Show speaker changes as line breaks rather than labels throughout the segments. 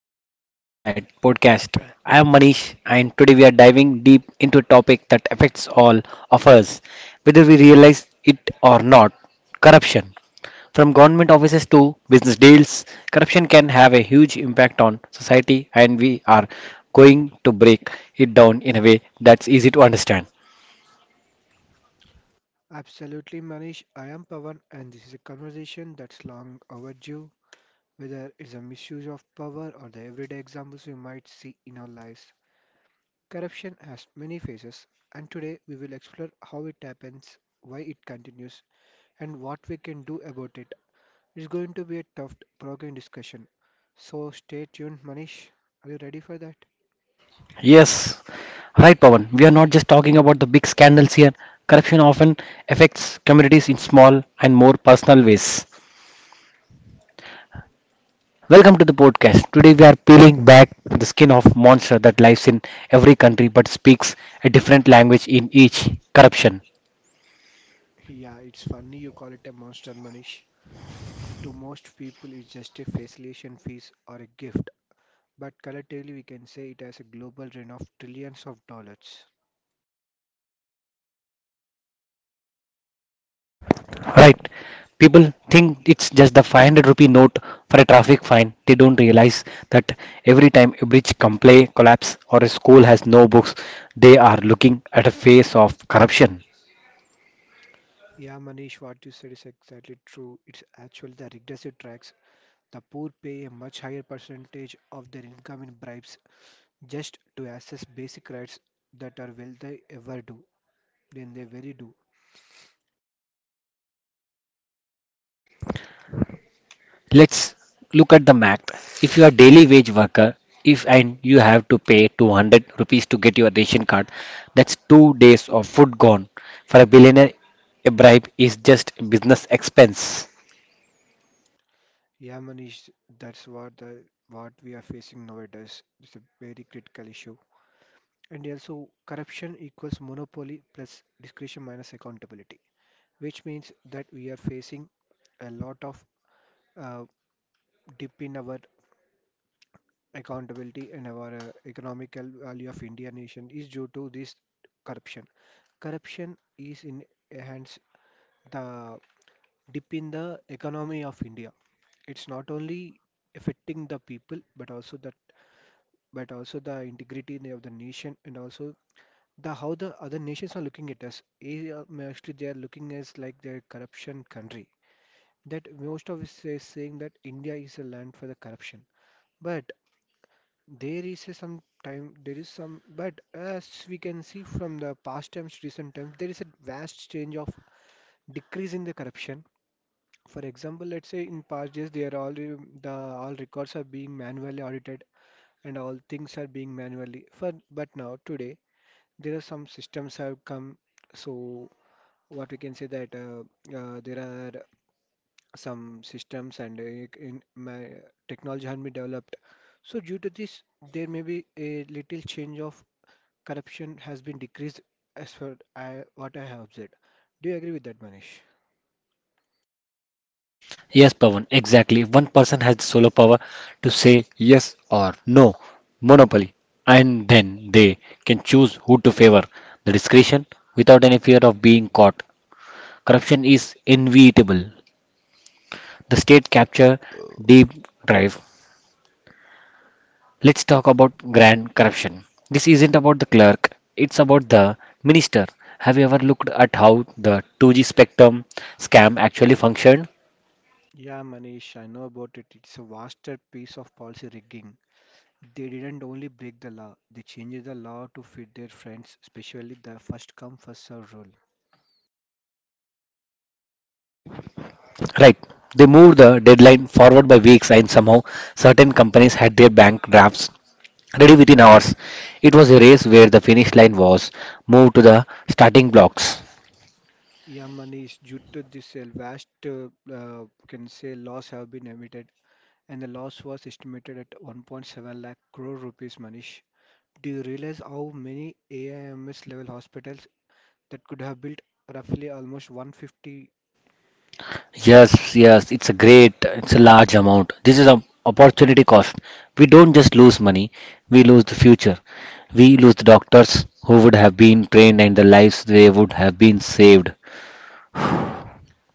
welcome to the Postcat podcast. I am Manish, and today we are diving deep into a topic that affects all of us, whether we realize it or not: corruption. From government offices to business deals, corruption can have a huge impact on society, and we are going to break it down in a way that's easy to understand.
Absolutely, Manish. I am Pavan, and this is a conversation that's long overdue, whether it's a misuse of power or the everyday examples we might see in our lives. Corruption has many faces, and today we will explore how it happens, why it continues, and what we can do about it. It's going to be a tough, provoking discussion. So stay tuned, Manish. Are you ready for that?
Yes. Right, Pawan. We are not just talking about the big scandals here. Corruption often affects communities in small and more personal ways. Welcome to the podcast. Today we are peeling back the skin of monster that lives in every country but speaks a different language in each. Corruption.
Yeah, it's funny you call it a monster, Manish. To most people, it's just a facilitation fees or a gift, but collectively we can say it has a global drain of trillions of dollars.
Right. People think it's just the 500 rupee note for a traffic fine. They don't realize that every time a bridge collapse or a school has no books, they are looking at a face of corruption.
Yeah, Manish, what you said is exactly true. It's actually the regressive tax. The poor pay a much higher percentage of their income in bribes just to access basic rights that are wealthy ever do. Then they very do.
Let's look at the math. If you are daily wage worker, if and you have to pay 200 rupees to get your ration card, that's 2 days of food gone. For a billionaire, a bribe is just business expense.
Yeah, Manish, that's what we are facing nowadays. It's a very critical issue. And also, corruption equals monopoly plus discretion minus accountability, which means that we are facing a lot of uh, dip in our accountability, and our economical value of India nation is due to this corruption. Corruption is in hence the dip in the economy of India. It's not only affecting the people but also that but also the integrity of the nation, and also the how the other nations are looking at us. They are- Mostly they are looking as like they're a corruption country, that most of us is saying that India is a land for the corruption. But there is a some time there is some, but as we can see from the past times to recent times, there is a vast change of decrease in the corruption. For example, let's say in past days, they are all the all records are being manually audited, and all things are being manually for, but now today there are some systems have come, so what we can say that there are some systems, and in my technology has been developed. So due to this, there may be a little change of corruption has been decreased as far I, what I have observed. Do you agree with that, Manish?
Yes, Pawan, exactly. One person has the solo power to say yes or no, monopoly, and then they can choose who to favor the discretion without any fear of being caught. Corruption is inevitable. The state capture deep drive. Let's talk about grand corruption. This isn't about the clerk, it's about the minister. Have you ever looked at how the 2G spectrum scam actually functioned?
Yeah, Manish, I know about it. It's a vaster piece of policy rigging. They didn't only break the law, they changed the law to fit their friends, especially the first come, first serve rule.
Right, they moved the deadline forward by weeks, and somehow certain companies had their bank drafts ready within hours. It was a race where the finish line was moved to the starting blocks.
Yeah, Manish, due to this vast, can say, laws have been emitted, and the loss was estimated at 1.7 lakh crore rupees, Manish. Do you realize how many AIMS level hospitals that could have built? Roughly almost 150.
Yes, yes, it's a great, it's a large amount. This is an opportunity cost. We don't just lose money, we lose the future. We lose the doctors who would have been trained and the lives they would have been saved.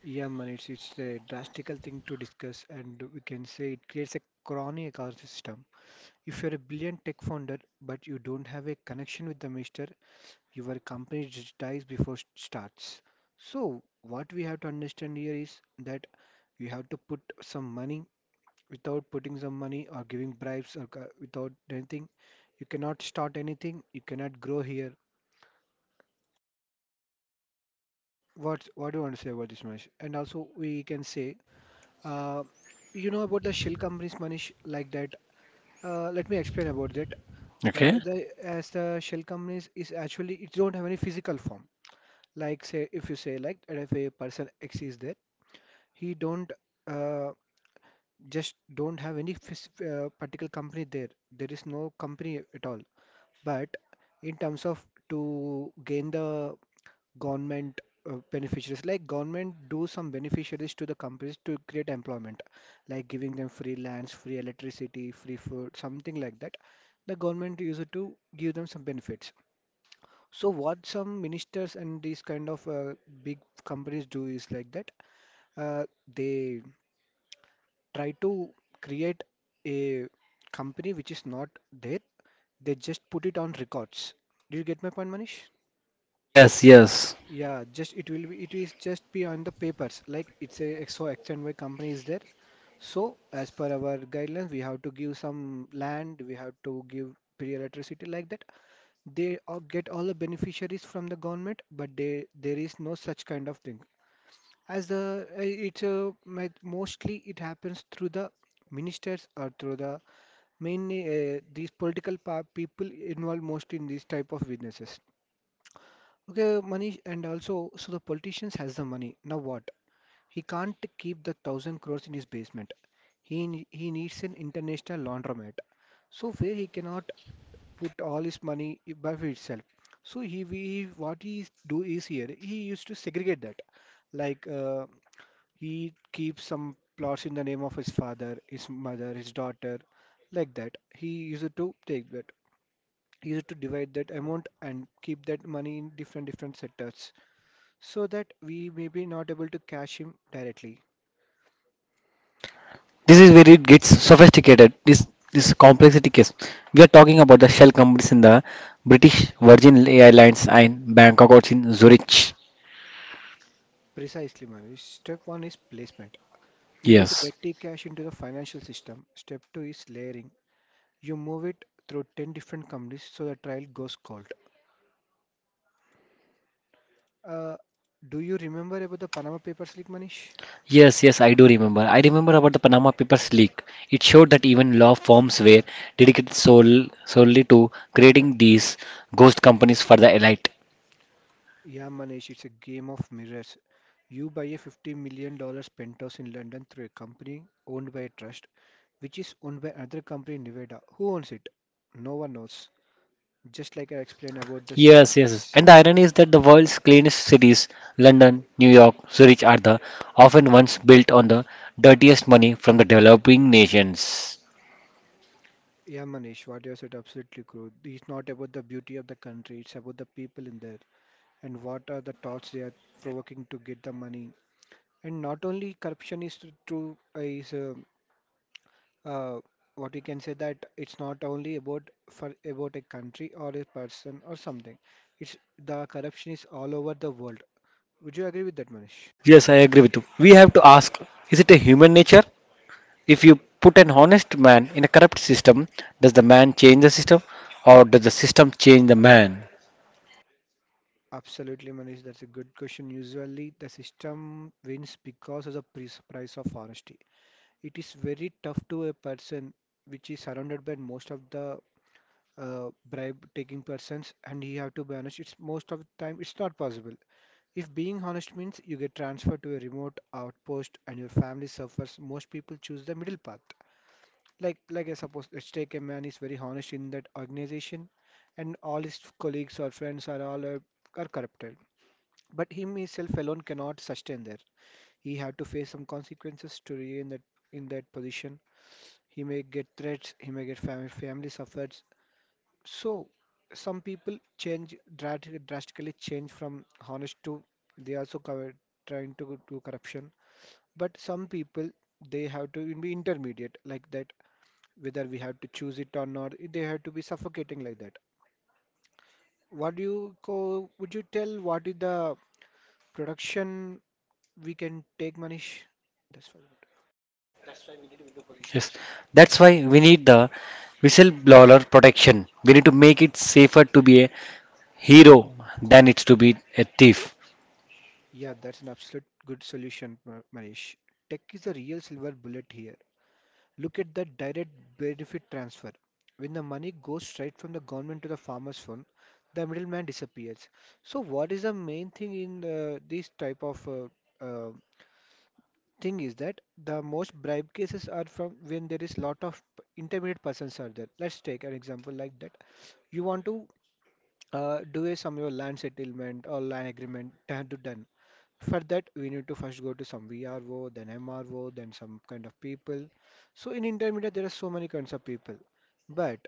Yeah, Manish? It's a drastical thing to discuss, and we can say it creates a crony ecosystem. If you're a brilliant tech founder but you don't have a connection with the minister, your company just dies before it starts. So, what we have to understand here is that you have to put some money. Without putting some money or giving bribes or ca- without anything, you cannot start anything. You cannot grow here. What do you want to say about this, Manish? And also we can say, uh, you know about the shell companies, Manish, like that. Let me explain about that.
Okay.
The, as the shell companies is actually it don't have any physical form. Like say if you say like that if a person X is there, he don't uh, just don't have any phys- particular company there. There is no company at all. But in terms of to gain the government beneficiaries, like government do some beneficiaries to the companies to create employment, like giving them free lands, free electricity, free food, something like that. The government use it to give them some benefits. So what some ministers and these kind of big companies do is like that, uh, they try to create a company which is not there. They just put it on records. Do you get my point, Manish?
Yes, yes.
Yeah, just it will be it is just be on the papers like it's a XO X and Y company is there. So as per our guidelines, we have to give some land, we have to give free electricity like that. They all get all the beneficiaries from the government, but they there is no such kind of thing. As the it's mi- mostly it happens through the ministers, or through the mainly these political pa people involved most in these type of businesses. Okay, Manish, and also, so the politicians has the money. Now what? He can't keep the thousand crores in his basement. He ne- he needs an international laundromat. So where he cannot put all his money I- by for itself. So he, we what he do is here. He used to segregate that, like he keeps some plots in the name of his father, his mother, his daughter, like that. He used to take that. He used to divide that amount and keep that money in different different sectors so that we may be not able to cache him directly.
This is where it gets sophisticated. This complexity case. We are talking about the shell companies in the British Virgin Islands and Bangkok or in Zurich.
Precisely, Manish. Step one is placement. You get the
Yes.
dirty cash into the financial system. Step two is layering. You move it through 10 different companies so the trial goes cold. Uh, do you remember about the Panama Papers leak, Manish?
Yes, yes, I do remember. I remember about the Panama Papers leak. It showed that even law firms were dedicated solely to creating these ghost companies for the elite.
Yeah, Manish, it's a game of mirrors. You buy a $50 million dollars penthouse in London through a company owned by a trust, which is owned by another company in Nevada. Who owns it? No one knows. Just like I explained about the shell
Yes, yes, yes.
companies.
And the irony is that the world's cleanest cities, London, New York, Zurich, are the often ones built on the dirtiest money from the developing nations.
Yeah, Manish, what you said absolutely true. It's not about the beauty of the country, it's about the people in there, and what are the thoughts they are provoking to get the money. And not only corruption is tr- true, is uh, what we can say that it's not only about for about a country or a person or something. It's the corruption is all over the world. Would you agree with that, Manish?
Yes, I agree with you. We have to ask, is it a human nature? If you put an honest man in a corrupt system, does the man change the system or does the system change the man?
Absolutely, Manish. That's a good question. Usually, the system wins because of the pris- price of honesty. It is very tough to a person which is surrounded by most of the bribe taking persons, and he have to be honest. It's most of the time it's not possible. If being honest means you get transferred to a remote outpost and your family suffers, most people choose the middle path. Like I suppose let's take a man is very honest in that organization, and all his colleagues or friends are all are corrupted. But him himself alone cannot sustain there. He have to face some consequences to remain that in that position. He may get threats, he may get family, family suffers. So some people change drat- drastically change from honest to they also cover, trying to do corruption. But some people they have to be intermediate like that. Whether we have to choose it or not, they have to be suffocating like that. What do you co- would you tell what is the production we can take, Manish? That's what.
Yes, that's why we need the whistleblower protection. We need to make it safer to be a hero than it's to be a thief.
Yeah, that's an absolute good solution, Ma- Manish. Tech is the real silver bullet here. Look at the direct benefit transfer. When the money goes straight from the government to the farmer's fund, the middleman disappears. So what is the main thing in this type of uh, thing is that the most bribe cases are from when there is lot of p- intermediate persons are there. Let's take an example like that. You want to do a your land settlement or land agreement done to done. For that, we need to first go to some VRO, then MRO, then some kind of people. So in intermediate, there are so many kinds of people. But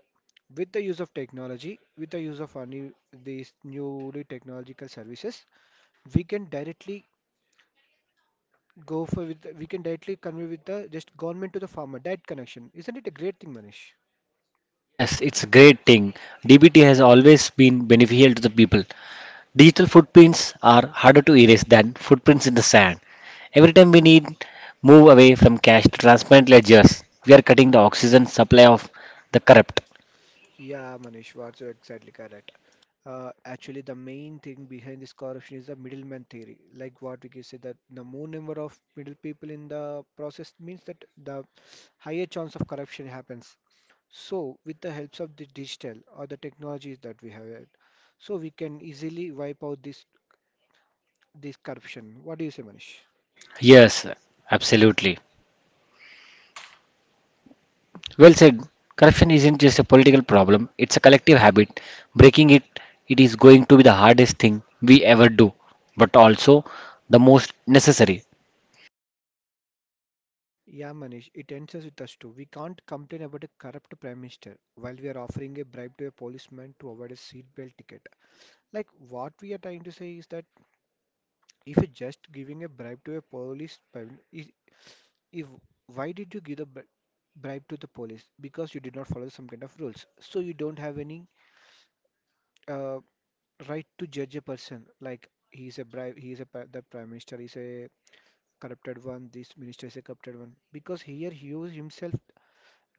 with the use of technology, with the use of any these newly technological services, we can directly go for with we can directly convey with the just government to the farmer. That connection isn't it a great thing, Manish?
Yes, it's a great thing. DBT has always been beneficial to the people. Digital footprints are harder to erase than footprints in the sand. Every time we need move away from cash to transparent ledgers, we are cutting the oxygen supply of the corrupt.
Yeah, Manish, what's so exactly correct. Actually, the main thing behind this corruption is the middleman theory. Like what we can say that the more number of middle people in the process means that the higher chance of corruption happens. So, with the helps of the digital or the technologies that we have, had, so we can easily wipe out this corruption. What do you say, Manish?
Yes, absolutely. Well said. Corruption isn't just a political problem, it's a collective habit. Breaking it, it is going to be the hardest thing we ever do, but also the most necessary.
Yeah, Manish, it ends us with us too. We can't complain about a corrupt prime minister while we are offering a bribe to a policeman to avoid a seatbelt ticket. Like what we are trying to say is that if you're just giving a bribe to a policeman, is if why did you give the bri- bribe to the police? Because you did not follow some kind of rules. So you don't have any uh, right to judge a person. Like he's a bribe, the prime minister is a corrupted one. This minister is a corrupted one. Because here he was himself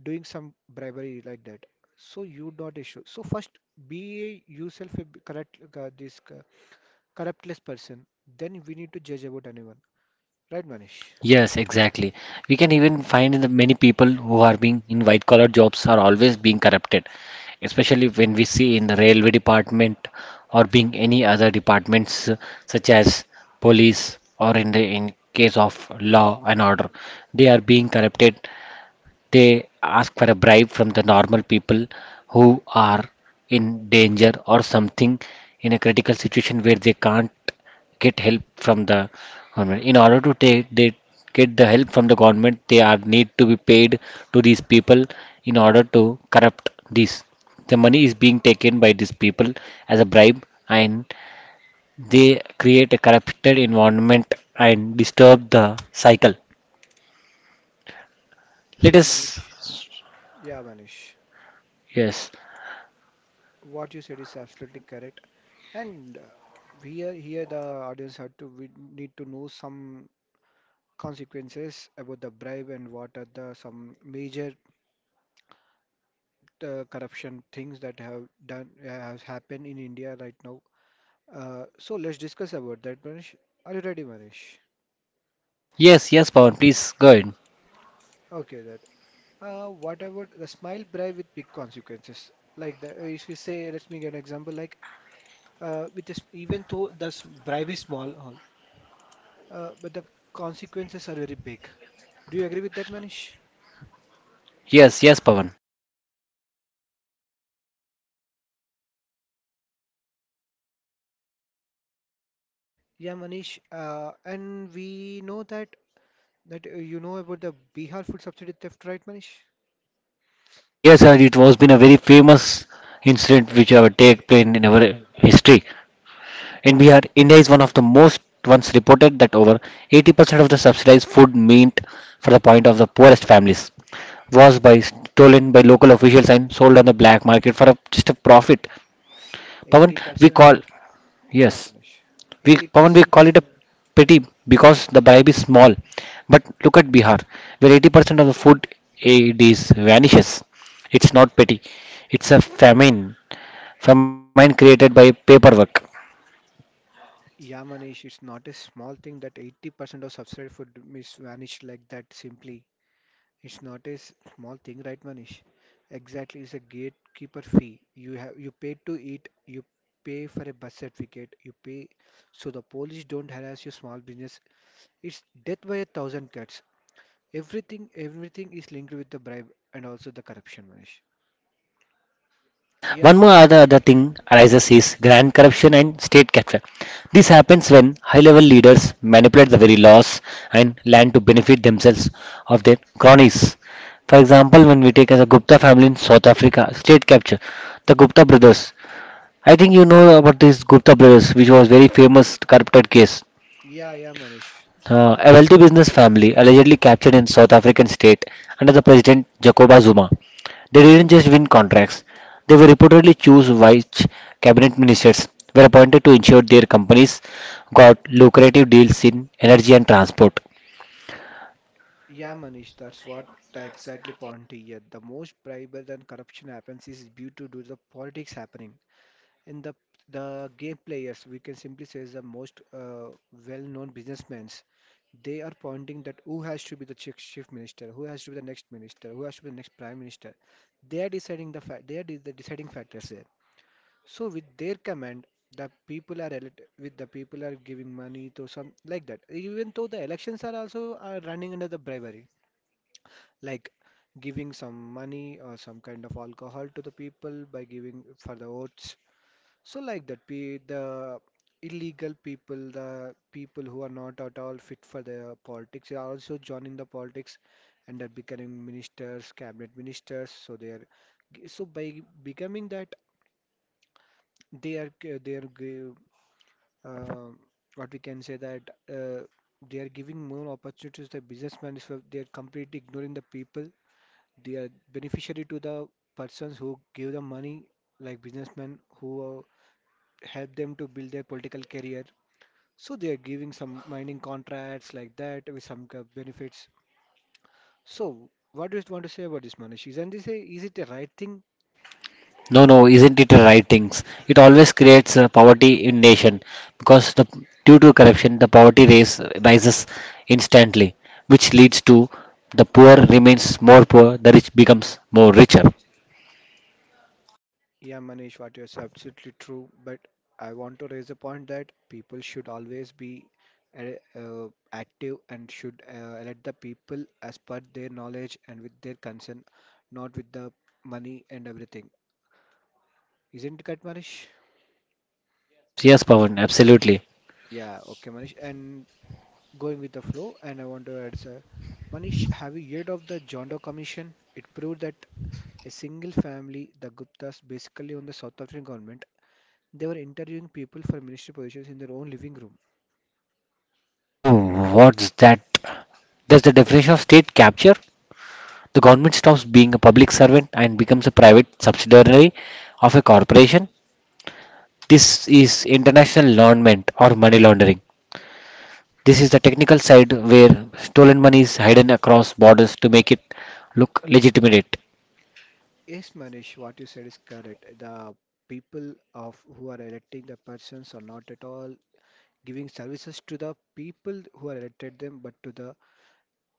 doing some bribery like that. So you not issue. So first be yourself correct this. Corruptless person, then we need to judge about anyone. Right, Manish?
Yes, exactly. We can even find the many people who are being in white collar jobs are always being corrupted, especially when we see in the railway department or being any other departments such as police or in the in case of law and order. They are being corrupted. They ask for a bribe from the normal people who are in danger or something in a critical situation where they can't get help from the government. In order to take they get the help from the government, they are need to be paid to these people in order to corrupt this, the money is being taken by these people as a bribe, and they create a corrupted environment and disturb the cycle. Let
Yeah, Manish.
us
Yeah, Manish.
yes.
What you said is absolutely correct. And we are here, the audience have to we need to know some consequences about the bribe and what are the some major corruption things that have done has happened in India right now. So let's discuss about that, Manish. Are you ready, Manish?
Yes, yes, Pawan, please go ahead.
Okay, that. What about the smile bribe with big consequences? Like the, if you say, let me give an example. Like with this, even though bribe is small, all, but the consequences are very big. Do you agree with that, Manish?
Yes, yes, Pawan.
Yeah, Manish. And we know that you know about the Bihar food subsidy theft, right, Manish?
Yes, and it was been a very famous incident which have take place in our history. In Bihar, India is one of the most once reported that over 80% of the subsidized food meant for the point of the poorest families was by stolen by local officials and sold on the black market for a, just a profit. Pawan, we call
80%. Yeah,
yes.
Manish.
We common, we
80%
call
is
it a
not.
petty because the bribe is small. But look at Bihar, where 80% of the food aid is vanishes. It's not petty. It's a famine. Famine created by paperwork.
Yeah, Manish, it's not a small thing that 80% of subsidy food is vanished like that simply. It's not small thing, right, Manish? Exactly, it's a gatekeeper fee. You pay to eat, you pay for a bus certificate, you pay so the police don't harass your small business. It's death by a thousand cuts. Everything is linked with the bribe and also the corruption, Manish.
One
Yes,
more
Manish.
other thing arises is grand corruption and state capture. This happens when high-level leaders manipulate the very laws and land to benefit themselves of their cronies. For example, when we take as a Gupta family in South Africa, state capture, the Gupta brothers I think you know about this Gupta brothers, which was very famous corrupted case.
Yeah, Manish.
A wealthy business family allegedly captured in South African state under the president Jacoba Zuma. They didn't just win contracts; they were reportedly chosen vice cabinet ministers were appointed to ensure their companies got lucrative deals in energy and transport.
Yeah, Manish, that's what I exactly point to here. The most bribery and corruption happens is due to do the politics happening. And the game players, we can simply say, is the most well-known businessmen. They are pointing that who has to be the chief minister, who has to be the next minister, who has to be the next prime minister. They are deciding they are the deciding factors there. So with their command, the people are elect- with the people are giving money to some like that. Even though the elections are also are running under the bribery, like giving some money or some kind of alcohol to the people by giving for the votes so like that, pe the illegal people, the people who are not at all fit for the politics, they are also joining the politics and are becoming ministers, cabinet ministers. So they are, so by becoming that, they are g- they are g- uh, what we can say that uh, they are giving more opportunities to the businessmen. So they are completely ignoring the people. They are beneficiary to the persons who give the money, like businessmen who help them to build their political career. So they are giving some mining contracts like that with some kind of benefits. So what do you want to say about this, Manish? Isn't this a, is it a right thing?
No, no, isn't it writings? It always creates poverty in nation because the due to corruption, the poverty raise rises instantly, which leads to the poor remains more poor, the rich becomes more richer.
Yeah, Manish, what you're saying is absolutely true. But I want to raise the point that people should always be active and should let the people as per their knowledge and with their concern, not with the money and everything. Isn't it correct, Manish?
Yes, yes, Pawan, absolutely.
Yeah, okay, Manish. And going with the flow, and I want to add, sir, Manish, have you heard of the John Doe Commission? It proved that a single family, the Guptas, basically on the South African government, they were interviewing people for ministry positions in their own living room.
Oh, what's that? That's the definition of state capture. The government stops being a public servant and becomes a private subsidiary of a corporation. This is international laundering or money laundering. This is the technical side where stolen money is hidden across borders to make it look legitimate.
Yes, Manish, what you said is correct. The people of who are electing the persons are not at all giving services to the people who are elected them, but to the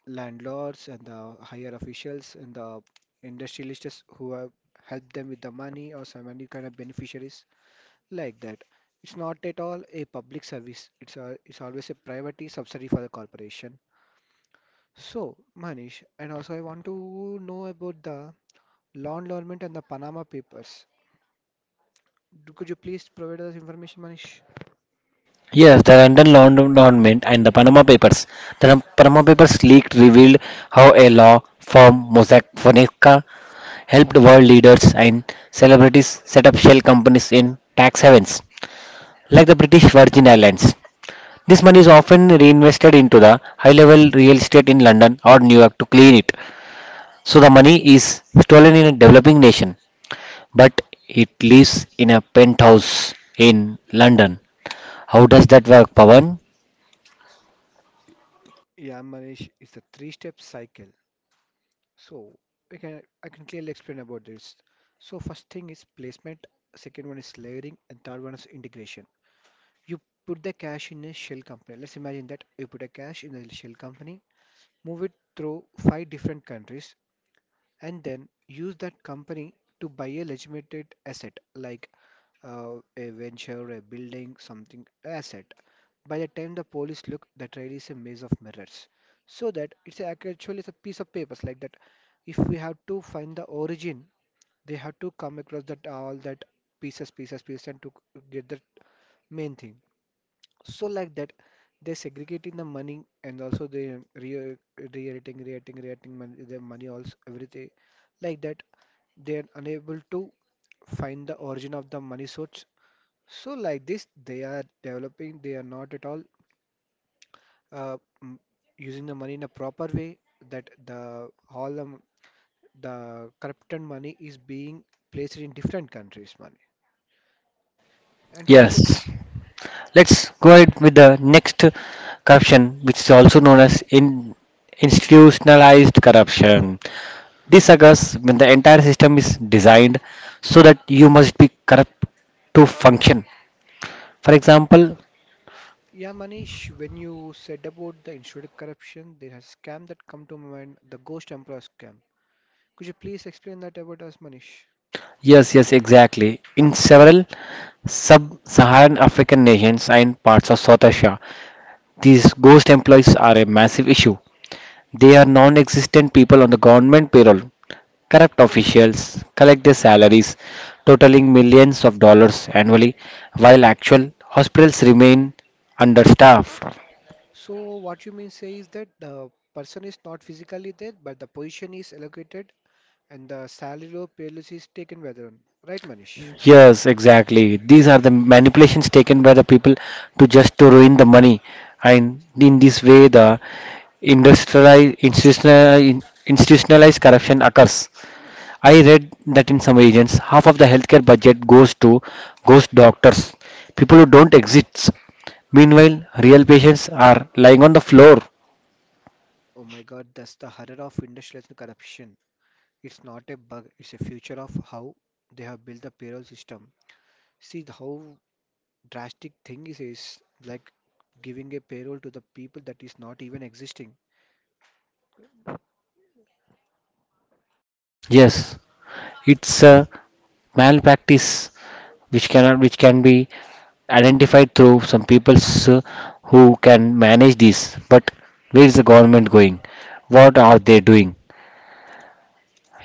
landlords and the higher officials and the industrialists who have helped them with the money or some any kind of beneficiaries like that. It's not at all a public service. It's always a private subsidy for the corporation. So, Manish, and also I want to know about the law environment and the Panama Papers. Could you please provide us information, Manish?
Yes, the London Laundromat and the Panama Papers. The Panama Papers leak revealed how a law firm, Mossack Fonseca, helped world leaders and celebrities set up shell companies in tax havens, like the British Virgin Islands. This money is often reinvested into the high-level real estate in London or New York to clean it. So the money is stolen in a developing nation but it lives in a penthouse in London. How does that work, Pawan?
Yeah, Manish, it's a three-step cycle. So we can I can clearly explain about this. So first thing is placement, second one is layering, and third one is integration. You put the cache in a shell company. Let's imagine that you put a cache in a shell company, move it through five different countries, and then use that company to buy a legitimate asset like a venture, a building, something asset. By the time the police look, the trail is a maze of mirrors. So that actually it's a piece of papers like that. If we have to find the origin, they have to come across that all that pieces, pieces, pieces, and to get the main thing. So like that, they're segregating the money and also they re reiterating, reiterating, reiterating money, their money also everything like that. They're unable to find the origin of the money source. So like this, they are developing. They are not at all uh, m- using the money in a proper way. That the the corrupted money is being placed in different countries' money, and also
Yes. Let's go ahead with the next corruption, which is also known as in institutionalized corruption. This occurs when the entire system is designed so that you must be corrupt to function. For example,
yeah, Manish, when you said about the insurance corruption, there has scam that come to my mind, the Ghost Emperor scam. Could you please explain that about us, Manish?
yes, yes, exactly. In several sub-Saharan African nations and parts of South Asia, these ghost employees are a massive issue. They are non existent people on the government payroll. Corrupt officials collect their salaries, totaling millions of dollars annually, while actual hospitals remain understaffed.
So what you mean say is that the person is not physically there, but the position is allocated and the salary or payless is taken by the one. Right, Manish?
Yes, exactly. These are the manipulations taken by the people to just to ruin the money, and in this way, the industrialized institutionalized corruption occurs. I read that in some regions, half of the healthcare budget goes to ghost doctors, people who don't exist. Meanwhile, real patients are lying on the floor.
Oh my God, that's the horror of industrialized corruption. It's not a bug, it's a future of how they have built the payroll system. See the how drastic thing is like giving a payroll to the people that is not even existing.
Yes, it's a malpractice which cannot which can be identified through some people who can manage this. But where is the government going? What are they doing?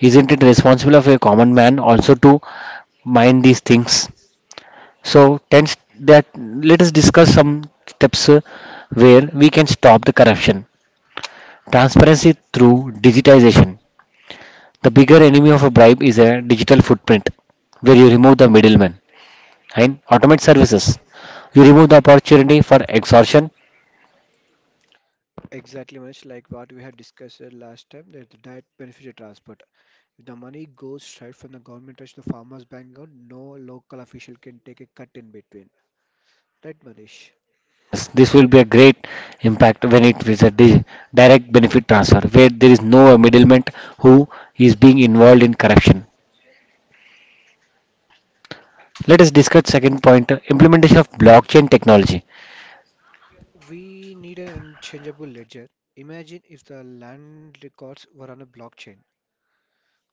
Isn't it responsible of a common man also to mind these things? So, tens that let us discuss some steps where we can stop the corruption. Transparency through digitization. The bigger enemy of a bribe is a digital footprint, where you remove the middleman and automate services. You remove the opportunity for extortion.
Exactly, much like what we had discussed last time, that the direct beneficiary transfer. If the money goes straight from the government touch to the farmers' bank account, no local official can take a cut in between. Right, Manish?
Yes, this will be a great impact when it is a direct benefit transfer, where there is no middleman who is being involved in corruption. Let us discuss second point, implementation of blockchain technology.
We need an unchangeable ledger. Imagine if the land records were on a blockchain.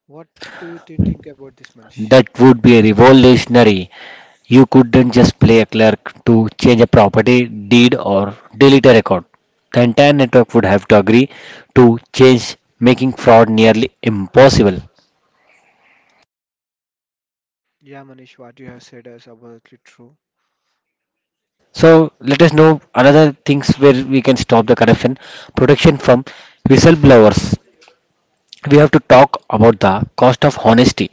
What
Yes,
do you think about this, Manish?
that would be revolutionary. You couldn't just play a clerk to change a property deed or delete a record. The entire network would have to agree to change, making fraud nearly impossible.
Yeah, Manish, what you have said is absolutely true.
Yes. So let us know another things where we can stop the corruption protection from whistleblowers. We have to talk about the cost of honesty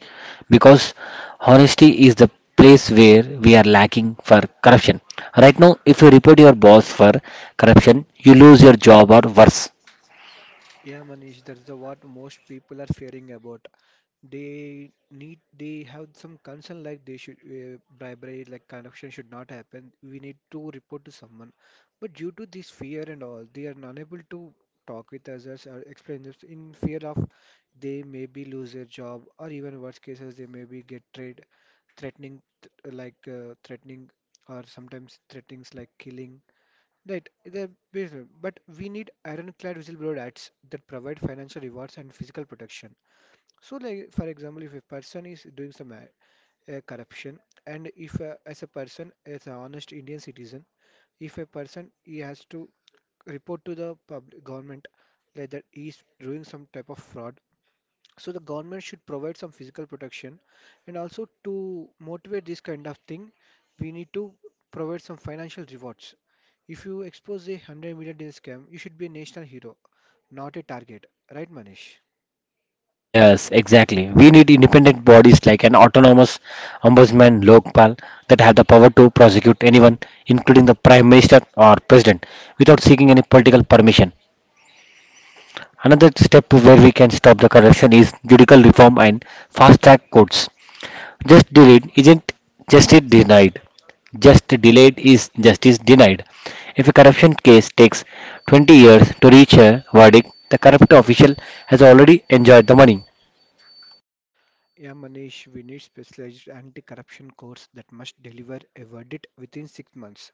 because honesty is the place where we are lacking for corruption right now. If you report your boss for corruption, you lose your job or worse.
Yeah, Manish, that is the what most people are fearing about. They need, they have some concern like they should bribery, like corruption should not happen. We need to report to someone. But due to this fear and all, they are unable to talk with others or explain this in fear of they may be lose their job or even worst cases they may be get trade threatening like threatening or sometimes threatenings like killing. Right, the business, but we need ironclad whistleblower acts that provide financial rewards and physical protection. So, like for example, if a person is doing some corruption, and if as a person, as an honest Indian citizen, if a person he has to report to the public government like that he's doing some type of fraud, so the government should provide some physical protection and also to motivate this kind of thing, we need to provide some financial rewards. If you expose a 100 million deal scam, you should be a national hero, not a target. Right, Manish?
Yes, exactly. We need independent bodies like an autonomous ombudsman lokpal that have the power to prosecute anyone, including the prime minister or president, without seeking any political permission. Another step where we can stop the corruption is judicial reform and fast track courts. Just delayed isn't justice denied. Just delayed is justice denied. If a corruption case takes 20 years to reach a verdict, the corrupt official has already enjoyed the money.
Yeah, Manish, we need specialized anti-corruption courts that must deliver a verdict within 6 months.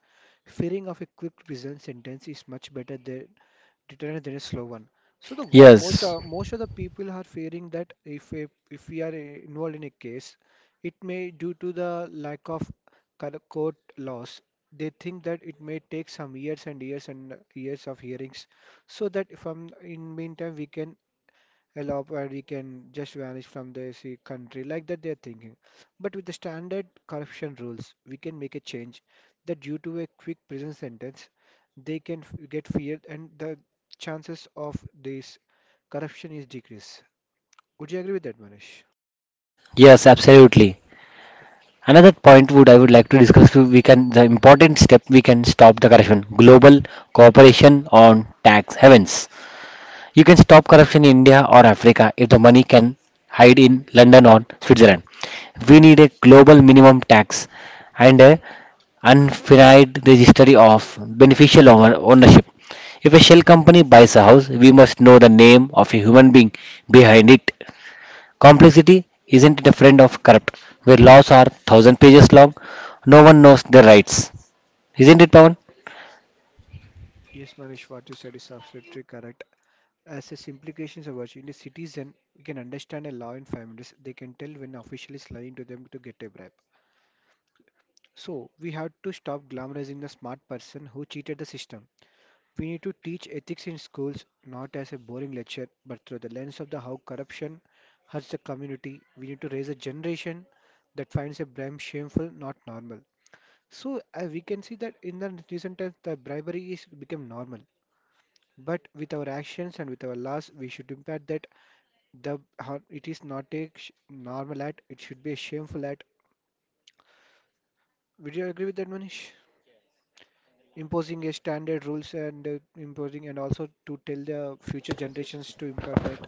Fearing of a quick prison sentence is much better than deterrent than a slow one. So the what most
Yes,
most of the people are fearing that if we are involved in a case, it may due to the lack of court laws, they think that it may take some years and years and years of hearings, so that if I'm in meantime we can allow where he can just vanish from the see, country like that they are thinking. But with the standard corruption rules, we can make a change that due to a quick prison sentence, they can get feared and the chances of this corruption is decreased. Would you agree with that, Manish?
yes, absolutely. Another point would I would like to discuss we can the important step we can stop the corruption. Global cooperation on tax havens. You can stop corruption in India or Africa if the money can hide in London or Switzerland. We need a global minimum tax and a unfinite registry of beneficial ownership. If a shell company buys a house, we must know the name of a human being behind it. Complexity isn't it a friend of corrupt, where laws are thousand pages long, no one knows their rights. Isn't it, Pawan?
Yes, Manish, what you said is absolutely correct. As its implications of watching a citizen, we can understand a law in families. They can tell when official is lying to them to get a bribe. So we have to stop glamorizing the smart person who cheated the system. We need to teach ethics in schools not as a boring lecture but through the lens of the how corruption hurts the community. We need to raise a generation that finds a bribe shameful, not normal. So we can see that in the recent times the bribery is become normal. But with our actions and with our laws, we should impact that it is not normal act; it should be a shameful act. Would you agree with that, Manish? Imposing a standard rules and imposing, and also to tell the future generations to impart that.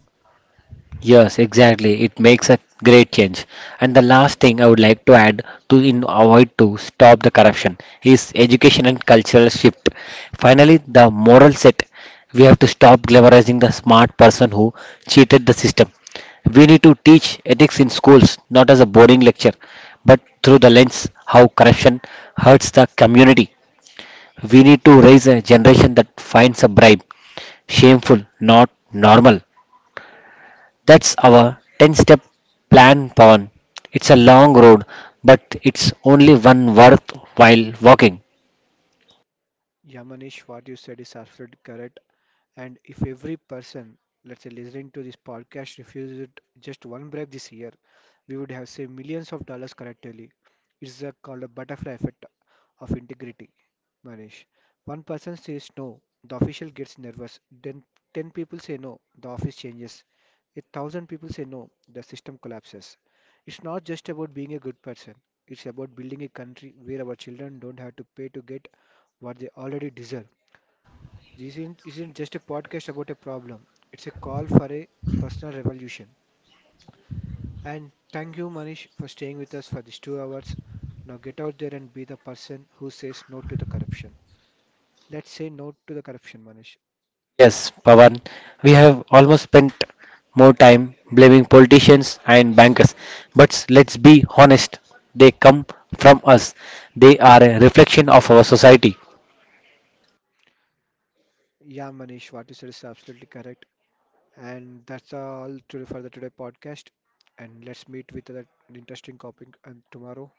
Yes, exactly. It makes a great change. And the last thing I would like to add to in avoid to stop the corruption is education and cultural shift. Finally, the moral set. We have to stop glamorizing the smart person who cheated the system. We need to teach ethics in schools, not as a boring lecture, but through the lens how corruption hurts the community. We need to raise a generation that finds a bribe shameful, not normal. That's our 10 step plan, Pawan. It's a long road, but it's only one worth while walking.
Yeah, Manish, what you said is absolutely correct. And if every person, let's say, listening to this podcast refuses just one bribe this year, we would have saved millions of dollars collectively. Called a butterfly effect of integrity, Manish. One person says no, the official gets nervous. Then 10 people say no, the office changes. A thousand people say no, the system collapses. It's not just about being a good person. It's about building a country where our children don't have to pay to get what they already deserve. This isn't just a podcast about a problem, it's a call for a personal revolution. And thank you, Manish, for staying with us for these 2 hours. Now get out there and be the person who says no to the corruption. Let's say no to the corruption, Manish.
Yes, Pawan, we have almost spent more time blaming politicians and bankers. But let's be honest, they come from us. They are a reflection of our society.
Yeah, Manish, what you said is absolutely correct. And that's all today for the today podcast. And let's meet with that interesting topic and tomorrow.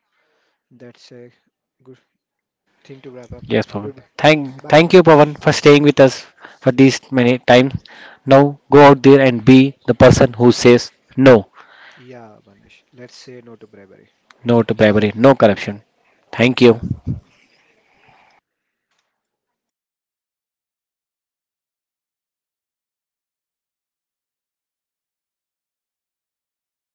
That's a good thing to wrap up.
Yes, Pawan.
Good.
Thank,
Bye,
thank you, Pawan,
Manish.
for staying with us for these many times. Now go out there and be the person who says no.
Yeah, Manish. Let's say no to bribery.
No to bribery, no corruption. Thank you.